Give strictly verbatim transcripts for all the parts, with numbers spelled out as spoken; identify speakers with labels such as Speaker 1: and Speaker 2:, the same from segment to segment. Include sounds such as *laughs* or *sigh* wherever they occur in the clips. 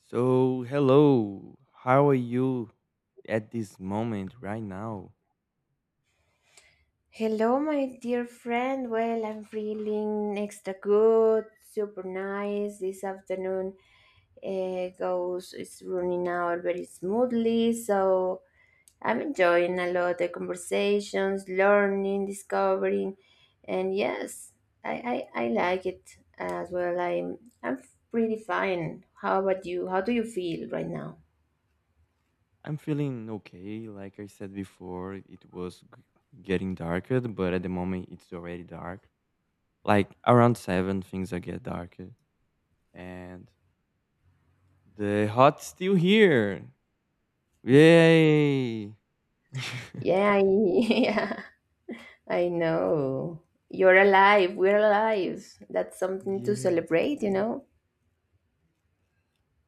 Speaker 1: So, hello. How are you at this moment right now?
Speaker 2: Hello, my dear friend. Well, I'm feeling extra good, super nice. This afternoon uh, goes, it's running out very smoothly. So I'm enjoying a lot the conversations, learning, discovering, and yes, I, I, I like it as well. I'm I'm pretty fine. How about you? How do you feel right now?
Speaker 1: I'm feeling okay. Like I said before, it was g- getting darker, but at the moment it's already dark. Like around seven things are get darker and the hot's still here. Yay! *laughs*
Speaker 2: Yeah, I- *laughs* yeah. I know. You're alive. We're alive. That's something to
Speaker 1: yes.
Speaker 2: celebrate, you know?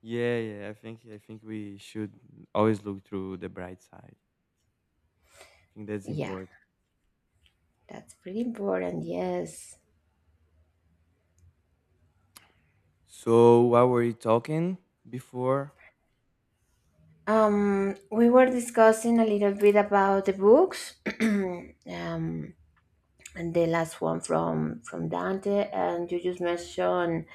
Speaker 1: Yeah, yeah. I think I think we should always look through the bright side. I think that's
Speaker 2: Yeah,
Speaker 1: important.
Speaker 2: that's pretty important, yes.
Speaker 1: So, what were you talking before?
Speaker 2: Um, we were discussing a little bit about the books. *clears throat* Um, and the last one from from Dante, and you just mentioned,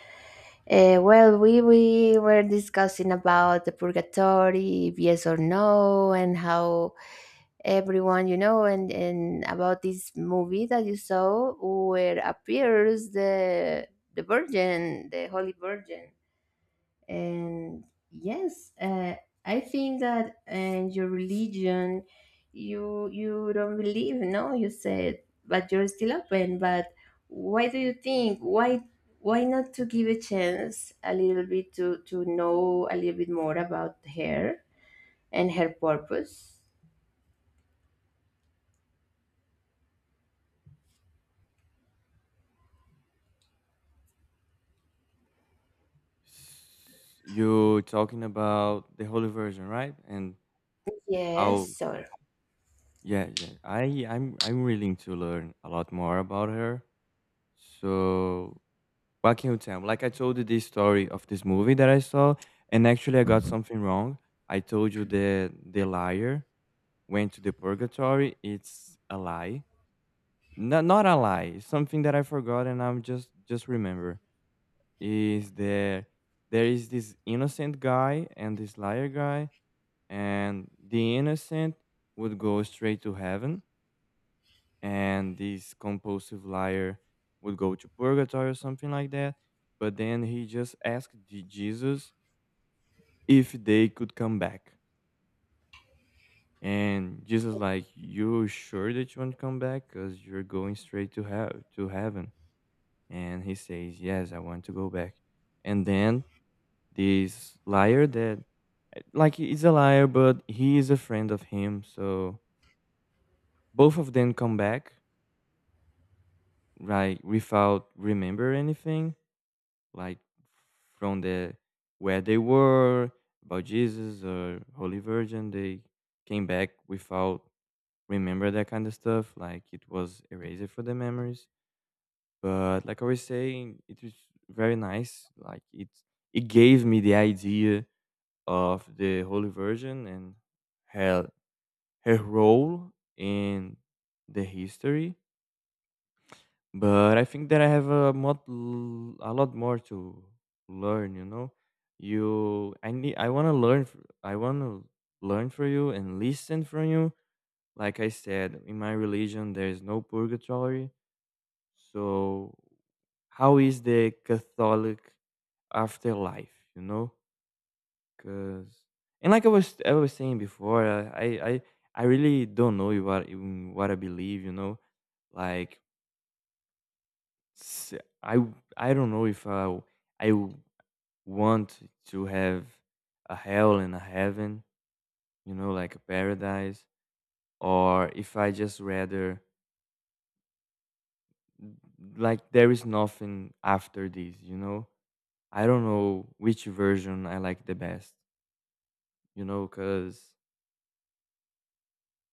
Speaker 2: uh, well, we we were discussing about the purgatory, yes or no, and how everyone, you know, and and about this movie that you saw where appears the the virgin the holy virgin. And yes, uh, I think that, and your religion, you you don't believe, no, you said, but you're still open. But why do you think? Why why not to give a chance a little bit to to know a little bit more about her and her purpose?
Speaker 1: S- You talking about the holy version, right? And
Speaker 2: Yes,
Speaker 1: how?
Speaker 2: sorry.
Speaker 1: Yeah, yeah. I I'm I'm willing to learn a lot more about her. So what can you tell me? Like I told you this story of this movie that I saw, and actually I got something wrong. I told you that the liar went to the purgatory. It's a lie. No, not a lie. It's something that I forgot, and I'm just just remember is that there is this innocent guy and this liar guy, and the innocent would go straight to heaven, and this compulsive liar would go to purgatory or something like that. But then he just asked the Jesus if they could come back, and Jesus like, you sure that you want to come back, because you're going straight to hell, to heaven? And he says, yes, I want to go back. And then this liar that, like, he is a liar, but he is a friend of him, so both of them come back, like, without remember anything, like, from the where they were about Jesus or Holy Virgin. They came back without remember that kind of stuff, like it was erased for the memories. But like I was saying, it was very nice. Like, it it gave me the idea of the Holy Virgin and her her role in the history. But I think that I have a lot a lot more to learn, you know? You I need I wanna learn f I wanna learn from you and listen from you. Like I said, in my religion, there is no purgatory. So how is the Catholic afterlife, you know, because, and like I was I was saying before, I I I I really don't know what in what I believe, you know? Like, S I w I don't know if I w I w want to have a hell and a heaven, you know, like a paradise, or if I just rather like there is nothing after this, you know? I don't know which version I like the best, you know, because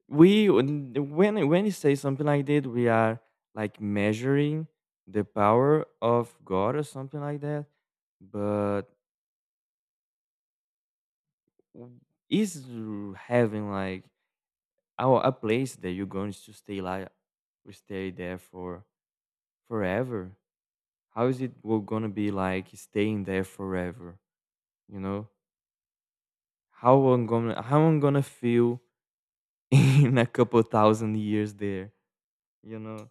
Speaker 1: we, when when when you say something like that, we are like measuring the power of God or something like that, but W- Is r- having like our a place that you're going to stay, like stay there for forever? How is it we're gonna be like staying there forever? You know how I'm gonna how I'm gonna feel *laughs* in a couple thousand years there. You know,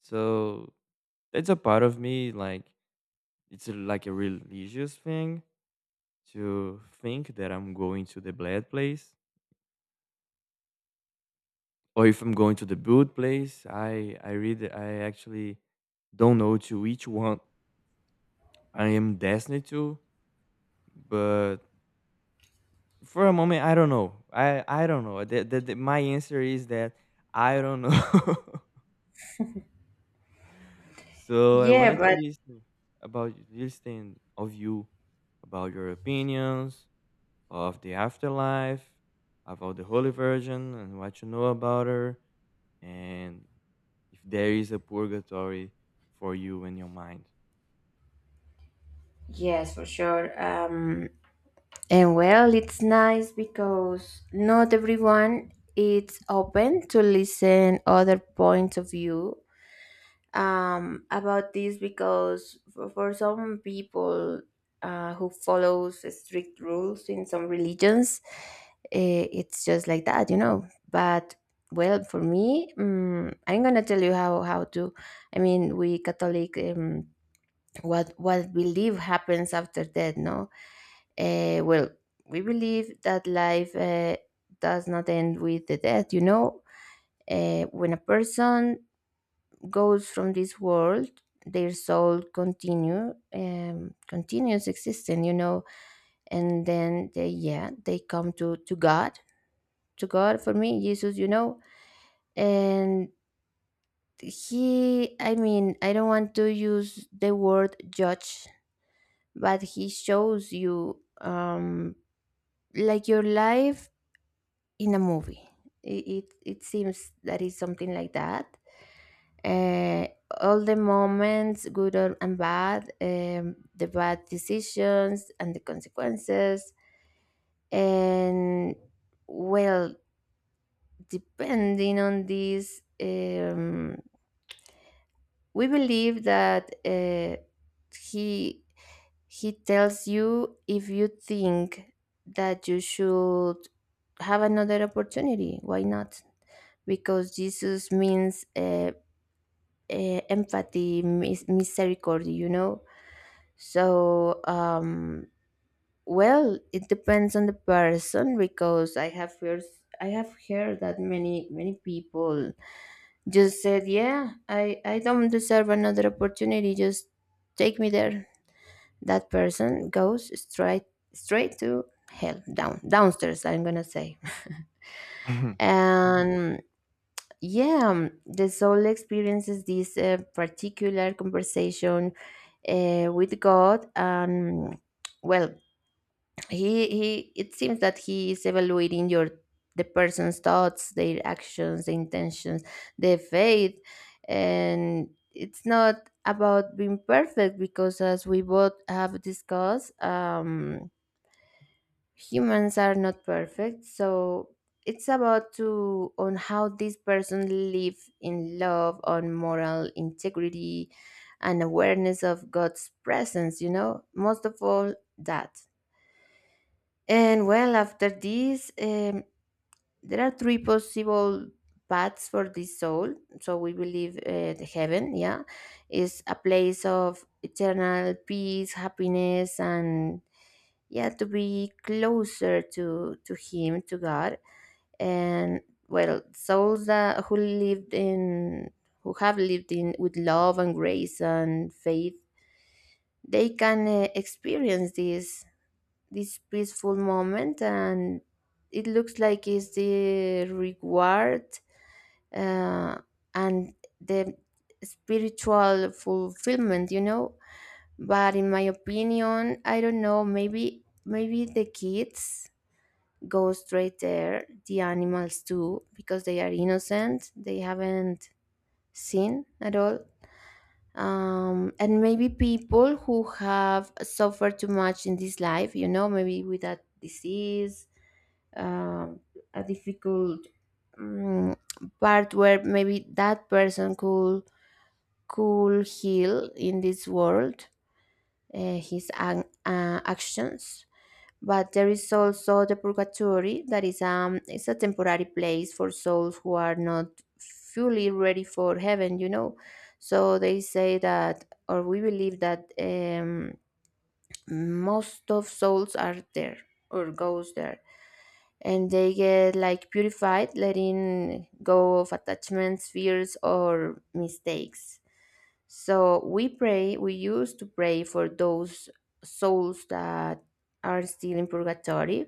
Speaker 1: so that's a part of me, like it's a, like a religious thing to think that I'm going to the bad place or if I'm going to the boot place. I I read I actually don't know to which one I am destined to, but for a moment I don't know. I I don't know. The, the, the- my answer is that I don't know. *laughs* so I
Speaker 2: Yeah,
Speaker 1: wanted to
Speaker 2: but
Speaker 1: listen about listen of you about your opinions of the afterlife, about the Holy Virgin and what you know about her, and if there is a purgatory for you in your mind.
Speaker 2: yes, for sure. Um, and well, it's nice because not everyone is open to listen other points of view um, about this, because for, for some people uh, who follows strict rules in some religions, eh, it's just like that, you know. But well, for me, um, I'm gonna tell you how how to. I mean, we Catholic. Um, what what believe happens after death? No, uh, well, we believe that life uh, does not end with the death, you know. Uh, when a person goes from this world, their soul continue um, continues existing, you know. And then they, yeah, they come to to God. To God, for me Jesus, you know. And he, I mean, I don't want to use the word judge, but he shows you, um like your life in a movie. It it, it seems that it's something like that. Uh, all the moments, good or- and bad, um, the bad decisions and the consequences, and well, depending on this. Um, we believe that, uh, he he tells you, if you think that you should have another opportunity, why not? Because Jesus means uh, uh, empathy, mis- misericordia, you know. So, um well, it depends on the person, because I have heard I have heard that many many people just said, "Yeah, I I don't deserve another opportunity. Just take me there." That person goes straight straight to hell, down downstairs, I'm gonna say. *laughs*
Speaker 1: *laughs*
Speaker 2: And yeah, the soul experiences this uh, particular conversation uh, with God. And well, he he, it seems that he is evaluating your the person's thoughts, their actions, the intentions, their faith. And it's not about being perfect, because as we both have discussed, um humans are not perfect. So it's about to on how this person live in love, on moral integrity, and awareness of God's presence, you know, most of all. That and well, after this, um, there are three possible paths for this soul. So we believe, uh, the heaven, yeah, is a place of eternal peace, happiness, and yeah, to be closer to to him, to God. And well, souls that who lived in, who have lived in with love and grace and faith, they can uh, experience this this peaceful moment. And it looks like it's the reward, uh, and the spiritual fulfillment, you know. But in my opinion, I don't know, maybe, maybe the kids go straight there, the animals too, because they are innocent. They haven't seen at all. Um, and maybe people who have suffered too much in this life, you know, maybe with that disease, um, a difficult, um, part where maybe that person could could heal in this world uh, his an- uh, actions. But there is also the purgatory, that is, um it's a temporary place for souls who are not fully ready for heaven, you know. So they say that, or we believe that, um most of souls are there or goes there, and they get like purified, letting go of attachments, fears, or mistakes. So we pray we used to pray for those souls that are still in purgatory,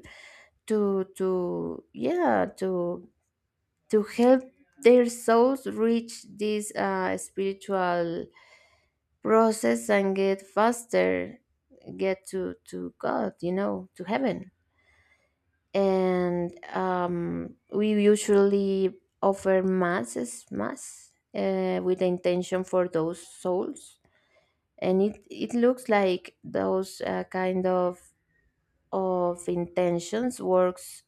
Speaker 2: to to yeah, to to help their souls reach this uh, spiritual process and get faster, get to to God, you know, to heaven. And um, we usually offer masses mass uh, with the intention for those souls. And it, it looks like those uh, kind of of intentions works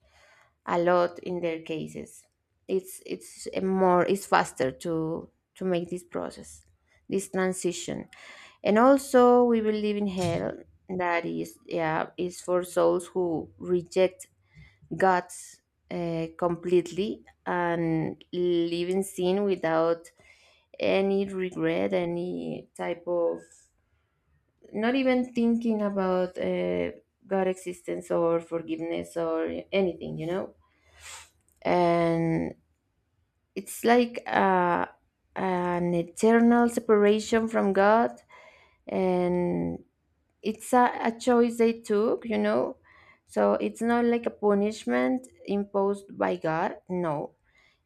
Speaker 2: a lot in their cases. It's it's a more, it's faster to to make this process, this transition. And also, we believe in hell. That is, yeah, is for souls who reject God's uh, completely and live in sin without any regret, any type of, not even thinking about uh, God existence or forgiveness or anything, you know. And it's like uh, an eternal separation from God. And it's a, a choice they took, you know. So it's not like a punishment imposed by God. No,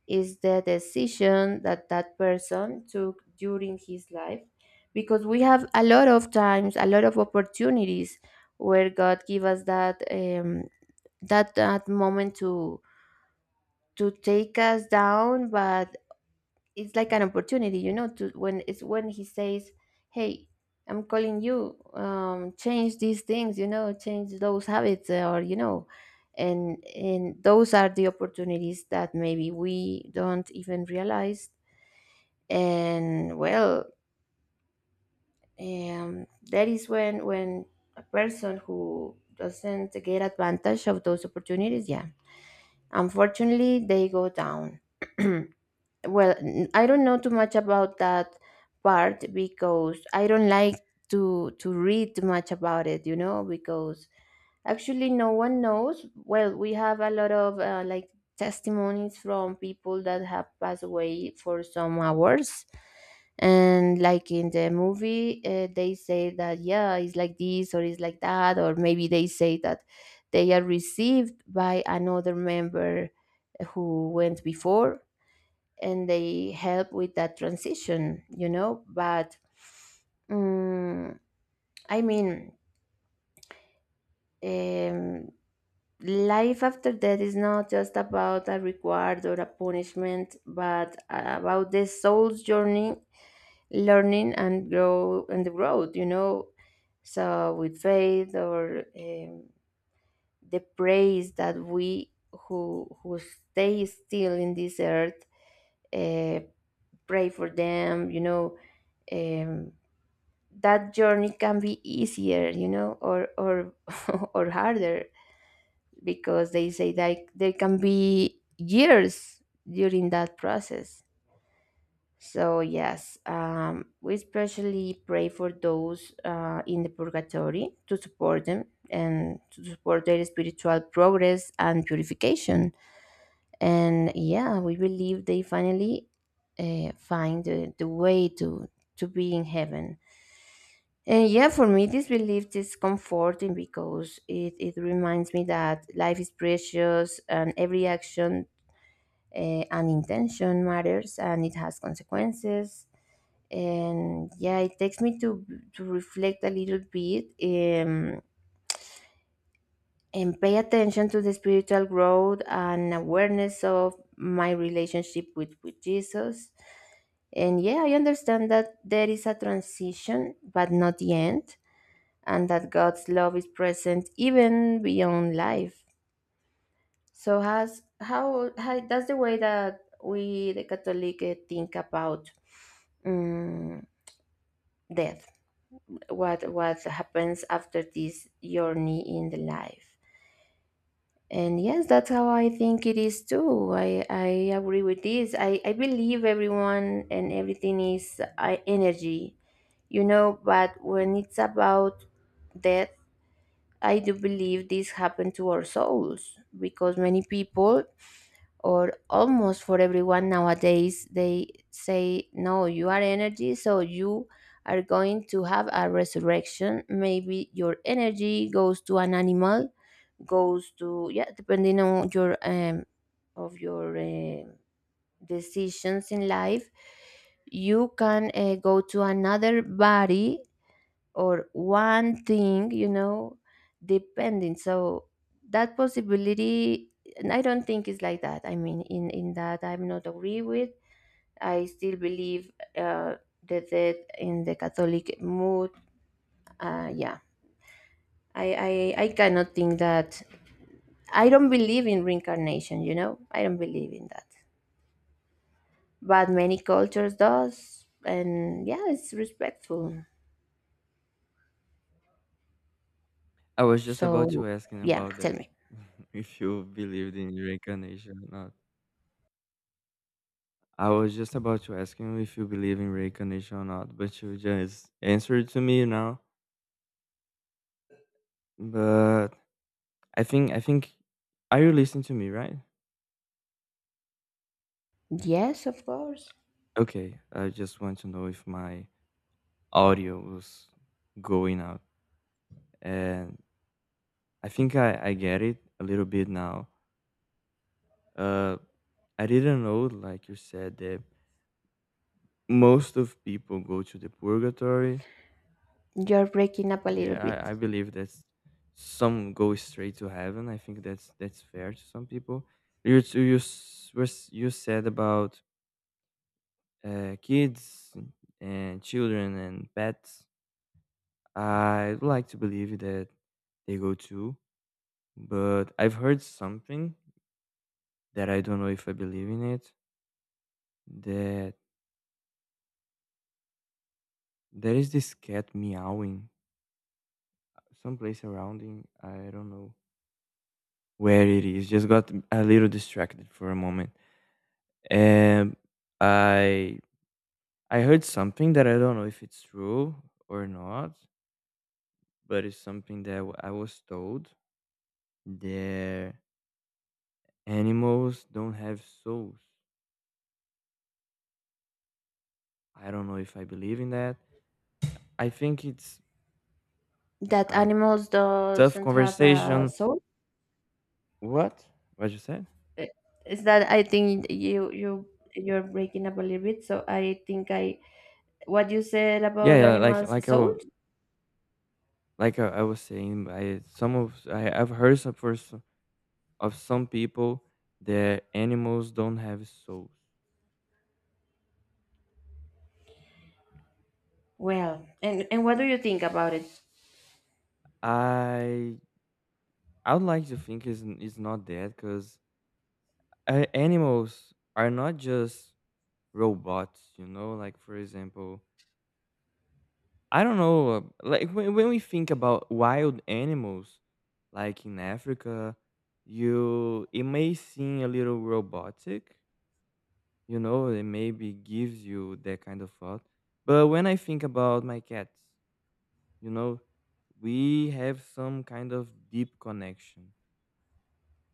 Speaker 2: it's the decision that that person took during his life. Because we have a lot of times, a lot of opportunities where God give us that, um, that that moment to to take us down. But it's like an opportunity, you know, to when it's when he says, hey, I'm calling you, um change these things, you know, change those habits, uh, or, you know. And and those are the opportunities that maybe we don't even realize. And well, um that is when, when a person who doesn't get advantage of those opportunities, yeah, unfortunately they go down. *clears throat* Well, n- I don't know too much about that part because I don't like to to read too much about it, you know, because actually no one knows. Well, we have a lot of uh, like testimonies from people that have passed away for some hours. And like in the movie, uh, they say that, yeah, it's like this or it's like that, or maybe they say that they are received by another member who went before and they help with that transition, you know. But mm, I mean, um, life after death is not just about a reward or a punishment, but about the soul's journey, learning and grow and the growth, you know. So with faith or, um, the praise that we, who who stay still in this earth uh, pray for them, you know. Um, that journey can be easier, you know, or or *laughs* or harder, because they say that there can be years during that process. So yes, um, we especially pray for those uh, in the purgatory, to support them and to support their spiritual progress and purification. And yeah, we believe they finally uh, find the, the way to to be in heaven. And yeah, for me, this belief is comforting because it, it reminds me that life is precious and every action uh, and intention matters and it has consequences. And yeah, it takes me to, to reflect a little bit, um, and pay attention to the spiritual growth and awareness of my relationship with, with Jesus. And yeah, I understand that there is a transition, but not the end, and that God's love is present even beyond life. So has how, how that's the way that we the Catholic, eh, think about, um, death. What what happens after this journey in the life? And yes, that's how I think it is too. I, I agree with this. I, I believe everyone and everything is uh, energy, you know. But when it's about death, I do believe this happened to our souls, because many people, or almost for everyone nowadays, they say, no, you are energy, so you are going to have a resurrection. Maybe your energy goes to an animal, goes to, yeah, depending on your, um, of your uh, decisions in life, you can uh, go to another body or one thing, you know, depending. So that possibility, and I don't think it's like that. I mean, in in that I'm not agree with. I still believe uh, the death in the Catholic mood. Uh, yeah, I, I I cannot think that. I don't believe in reincarnation. You know, I don't believe in that. But many cultures does, and yeah, it's respectful.
Speaker 1: I was just about
Speaker 2: So
Speaker 1: to asking
Speaker 2: yeah,
Speaker 1: about
Speaker 2: tell
Speaker 1: that,
Speaker 2: me.
Speaker 1: *laughs* if you believed in reincarnation or not. I was just about to ask you if you believe in reincarnation or not, but you just answered to me now. But I think I think are you listening to me, right?
Speaker 2: Yes, of course.
Speaker 1: Okay, I just want to know if my audio was going out. And I think I, I get it a little bit now. Uh, I didn't know, like you said, that most of people go to the purgatory.
Speaker 2: You're breaking up a little
Speaker 1: Yeah, I,
Speaker 2: bit.
Speaker 1: I believe that some go straight to heaven. I think that's that's fair to some people. You s- you s- were s- you said about uh, kids and children and pets. I'd like to believe that they go too, but I've heard something that I don't know if I believe in it. That there is this cat meowing someplace around in, I don't know where it is. Just got a little distracted for a moment. Um, I I heard something that I don't know if it's true or not, but it's something that w- I was told that animals don't have souls. I don't know if I believe in that. I think it's
Speaker 2: That
Speaker 1: a
Speaker 2: animals
Speaker 1: tough
Speaker 2: doesn't have a
Speaker 1: conversation.
Speaker 2: soul.
Speaker 1: What? What you said?
Speaker 2: Eh, Is that, I think you you, you're breaking up a little bit. So I think I, what you said
Speaker 1: Yeah,
Speaker 2: about
Speaker 1: yeah, like
Speaker 2: animals
Speaker 1: like I
Speaker 2: soul.
Speaker 1: wa- like I, I was saying, I some of I I've heard some for some, of some people that animals don't have souls.
Speaker 2: Well, and and what do you think about it?
Speaker 1: I I would like to think it's, n- it's not that, because uh, animals are not just robots, you know? Like, for example, I don't know, uh, like when, when we think about wild animals, like in Africa, you it may seem a little robotic, you know, it maybe gives you that kind of thought. But when I think about my cats, you know, we have some kind of deep connection,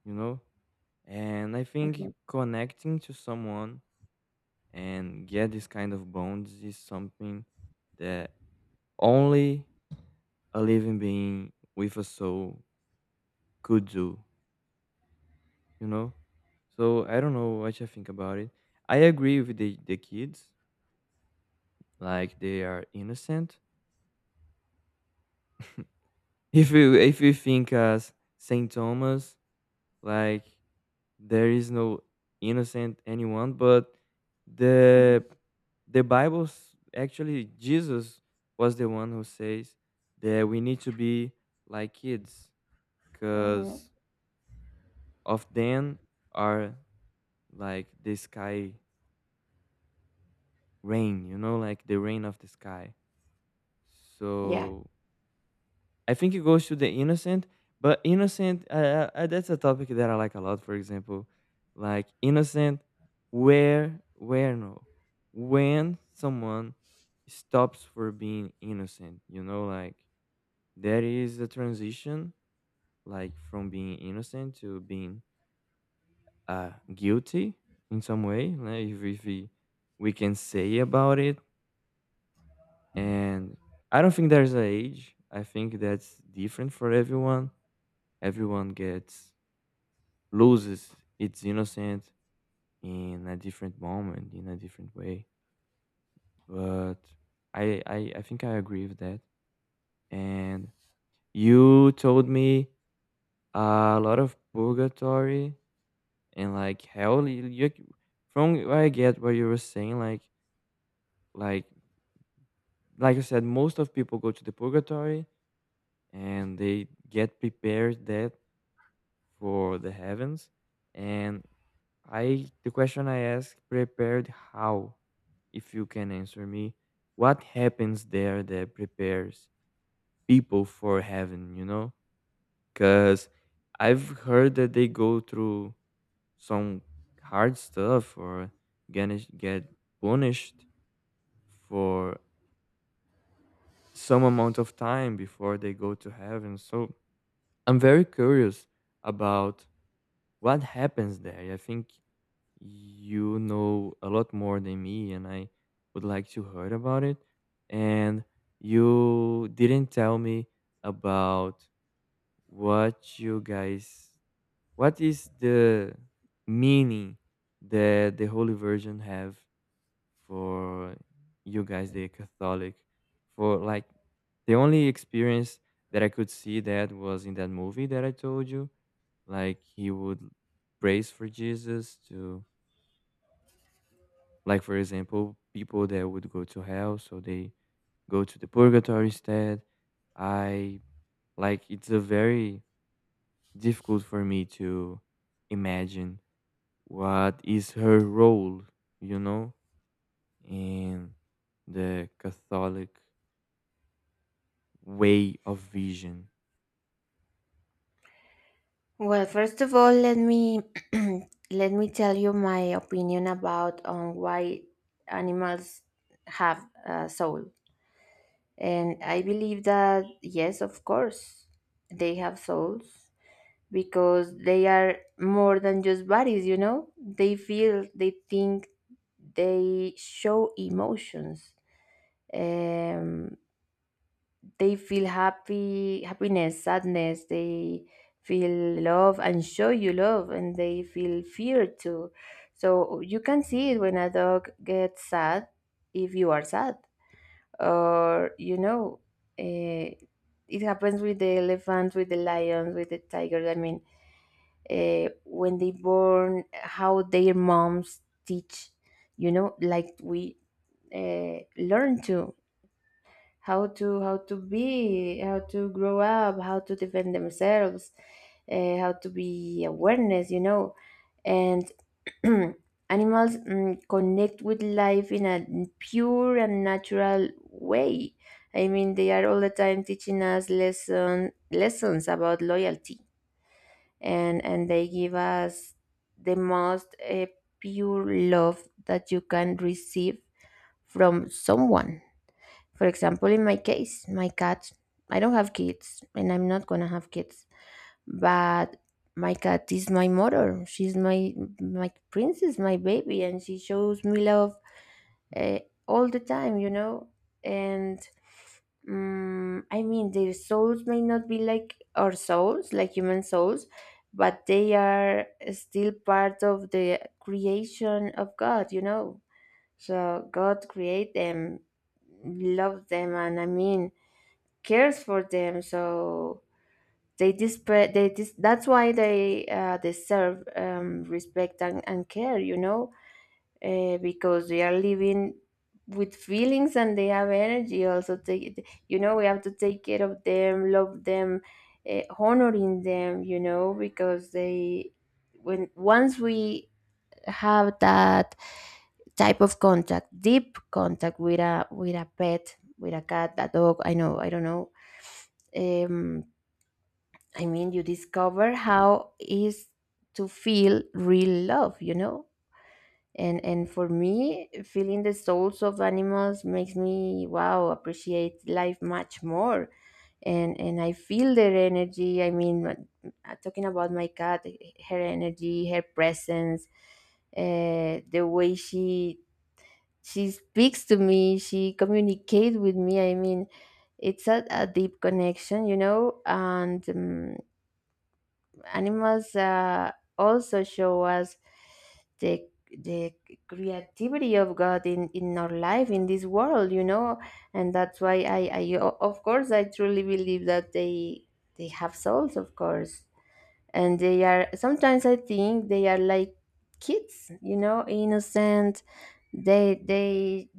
Speaker 1: you know? And I think
Speaker 2: Hmm.
Speaker 1: connecting to someone and get this kind of bonds is something that only a living being with a soul could do, you know? So I don't know what you think about it. I agree with the, the kids, like they are innocent. *laughs* if you if you think as Saint Thomas, like there is no innocent anyone, but the the Bible s- actually Jesus was the one who says that we need to be like kids,
Speaker 2: Hmm.
Speaker 1: because of them are like the sky rain, you know, like the rain of the sky.
Speaker 2: Yeah.
Speaker 1: So I think it goes to the innocent, but innocent, uh, uh, uh, that's a topic that I like a lot. For example, like innocent, where where no, when someone stops for being innocent, you know, like there is a transition, like from being innocent to being uh guilty in some way, like if, if we we can say about it. And I don't think there's an age. I think that's different for everyone everyone gets loses its innocence in a different moment, in a different way. But I, I, I think I agree with that. And you told me a lot of purgatory and like hell. You, you- from what I get, what you were saying, like, like, like I said, most of people go to the purgatory and they get prepared that for the heavens. And I the question I asked, prepared how, if you can answer me, what happens there that prepares people for heaven, you know? Cuz I've heard that they go through some hard stuff, or gonna get punished for some amount of time before they go to heaven. So I'm very curious about what happens there. I think you know a lot more than me and I would like to hear about it. And you didn't tell me about what you guys what is the meaning that the Holy Virgin have for you guys, the Catholic, for like the only experience that I could see that was in that movie that I told you, like he would praise for Jesus to, like, for example, people that would go to hell, so they go to the purgatory instead. I Like, it's a very difficult for me to imagine what is her role, you know, in the Catholic way of vision.
Speaker 2: Well, first of all, let me *clears throat* let me tell you my opinion about on why animals have a soul. And I believe that, yes, of course, they have souls because they are more than just bodies, you know? They feel, they think, they show emotions. Um, they feel happy, happiness, sadness. They feel love and show you love, and they feel fear too. So you can see it when a dog gets sad if you are sad or you know uh, it happens with the elephants, with the lions, with the tigers. I mean, uh, when they born, how their moms teach, you know, like we uh, learn to how to how to be, how to grow up, how to defend themselves, uh, how to be awareness, you know. And *clears throat* animals mm, connect with life in a pure and natural way. I mean, they are all the time teaching us lesson, lessons about loyalty, and and they give us the most uh, pure love that you can receive from someone. For example, in my case, my cat, I don't have kids and I'm not gonna have kids, but my cat is my mother. She's my my princess, my baby, and she shows me love uh, all the time, you know. And um, I mean, their souls may not be like our souls, like human souls, but they are still part of the creation of God, you know. So God create them, love them, and I mean cares for them. So they despair. They dis- that's why they uh, deserve um, respect and, and care. You know, uh, because they are living with feelings and they have energy. Also, take it- you know, we have to take care of them, love them, uh, honoring them. You know, because they when once we have that type of contact, deep contact with a with a pet, with a cat, a dog. I know, I don't know. Um, I mean, you discover how is to feel real love. You know, and and for me, feeling the souls of animals makes me wow appreciate life much more, and and I feel their energy. I mean, uh, uh, talking about my cat, her energy, her presence, uh, the way she she speaks to me, she communicates with me. I mean, it's a, a deep connection, you know. And um, animals uh, also show us the the creativity of God in in our life in this world, you know, and that's why I I o- of course I truly believe that they they have souls, of course, and they are sometimes, I think they are like kids, you know, innocent. They they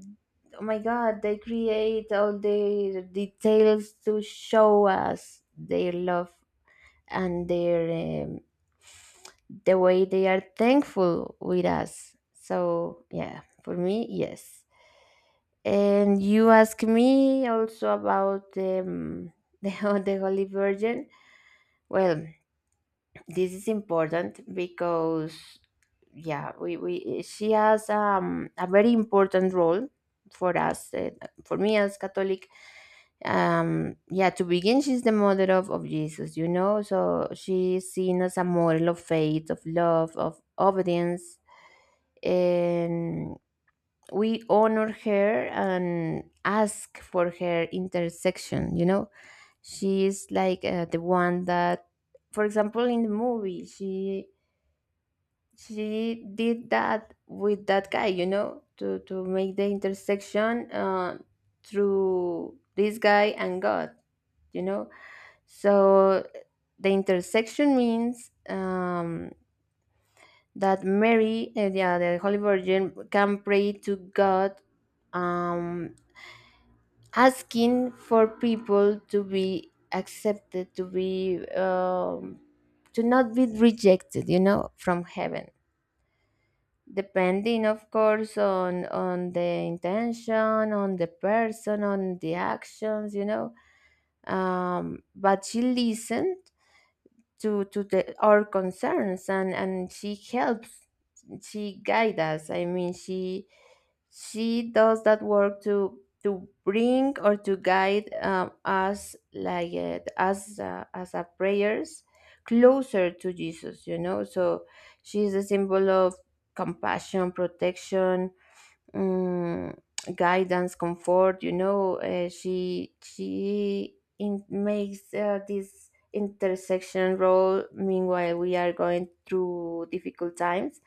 Speaker 2: oh my god, they create all the details to show us their love and their um, the way they are thankful with us. So yeah, for me, yes. And you ask me also about um, *laughs* the Ho- the Holy Virgin. Well, this is important because yeah we, we she has um, a very important role for us, uh, for me as Catholic. Um yeah, to begin, she's the mother of, of Jesus, you know. So she is seen as a model of faith, of love, of obedience, and we honor her and ask for her intersection, you know. She is like uh, the one that, for example, in the movie, she she did that with that guy, you know, to to make the intersection uh, through this guy and God, you know. So the intersection means um that Mary, uh, yeah, the Holy Virgin, can pray to God, um asking for people to be accepted, to be um, to not be rejected, you know, from heaven, depending of course on on the intention, on the person, on the actions, you know. Um, but she listened to to the our concerns, and and she helps, she guides us. I mean, she she does that work to to bring or to guide um, us like uh, as uh, as a prayers closer to Jesus, you know. So she is a symbol of compassion, protection, um, guidance, comfort. You know, uh, she she in, makes uh, this intersection role. Meanwhile, we are going through difficult times,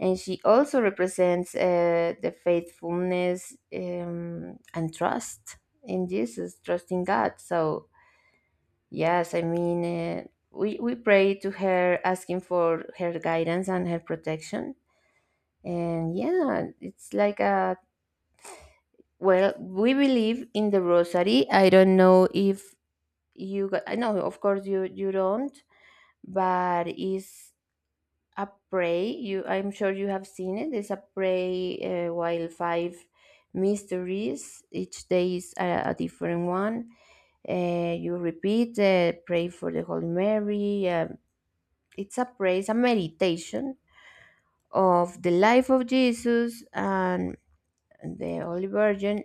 Speaker 2: and she also represents uh, the faithfulness um, and trust in Jesus, trusting God. So yes, I mean. Uh, we, we pray to her asking for her guidance and her protection. And yeah, it's like a well, we believe in the rosary. I don't know if you got, I know, of course you you don't, but it's a pray. You, I'm sure you have seen it. It's a pray uh, while five mysteries. Each day is a, a different one. Uh, you repeat, uh, pray for the Holy Mary. Um it's a praise, a meditation of the life of Jesus, and the Holy Virgin,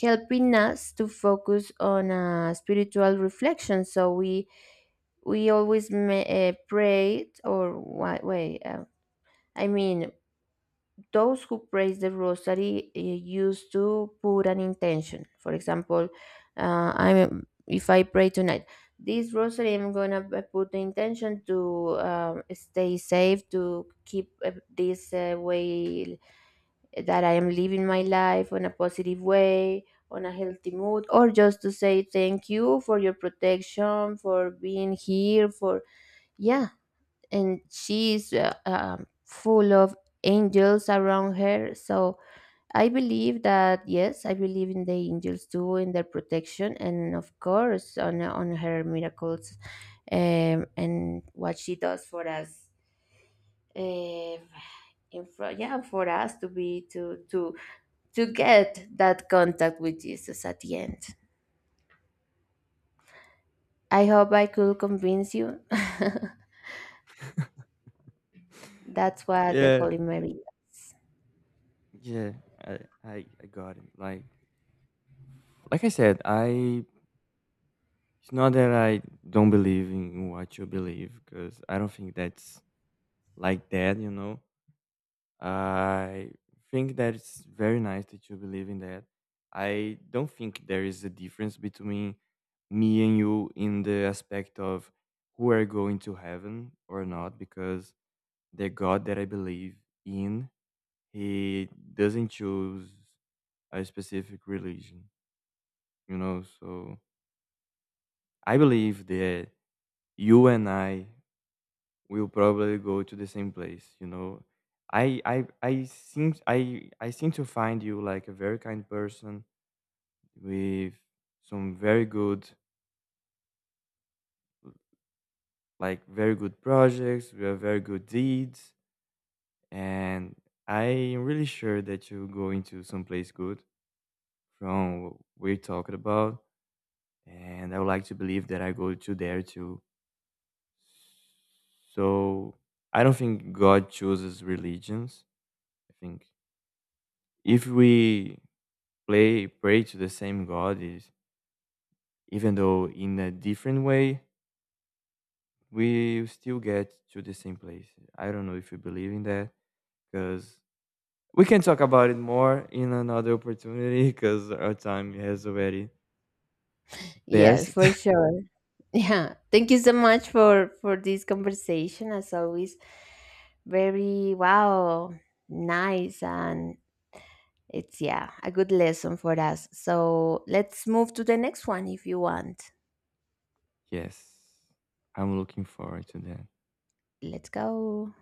Speaker 2: helping us to focus on a spiritual reflection. So we we always ma- uh, pray or what way. Uh, I mean, those who praise the rosary uh, used to put an intention. For example, uh, I'm if I pray tonight, this rosary, I'm gonna p- put the intention to um, stay safe, to keep uh, this uh, way that I am living my life on a positive way, on a healthy mood, or just to say thank you for your protection, for being here, for yeah. And she's uh, um, full of angels around her. So I believe that yes, I believe in the angels too, in their protection, and of course on on her miracles, um, and what she does for us. Uh, in front, yeah, for us to be to to to get that contact with Jesus at the end. I hope I could convince you. *laughs* That's
Speaker 1: *laughs*
Speaker 2: what the
Speaker 1: yeah,
Speaker 2: Holy Mary does.
Speaker 1: yeah, I, I, I got it. Like, like I said, I it's not that I don't believe in what you believe, because I don't think that's like that, you know. I think that it's very nice that you believe in that. I don't think there is a difference between me and you in the aspect of who are going to heaven or not, because the God that I believe in, he doesn't choose a specific religion, you know. So I believe that you and I we'll probably go to the same place, you know. I i i seem i i seem to find you like a very kind person with some very good, like very good projects, with very good deeds, and I'm really sure that you're going to someplace good from what we're talking about. And I would like to believe that I go to there too. So I don't think God chooses religions. I think if we play pray to the same God, is, even though in a different way, we still get to the same place. I don't know if you believe in that, because we can talk about it more in another opportunity *laughs* because our time has already
Speaker 2: Yeah, for
Speaker 1: passed.
Speaker 2: sure. *laughs* Yeah. Thank you so much for for this conversation as always. Very wow, nice and it's yeah, a good lesson for us. So, let's move to the next one if you want.
Speaker 1: *laughs* yes, I'm looking forward to that.
Speaker 2: Let's go.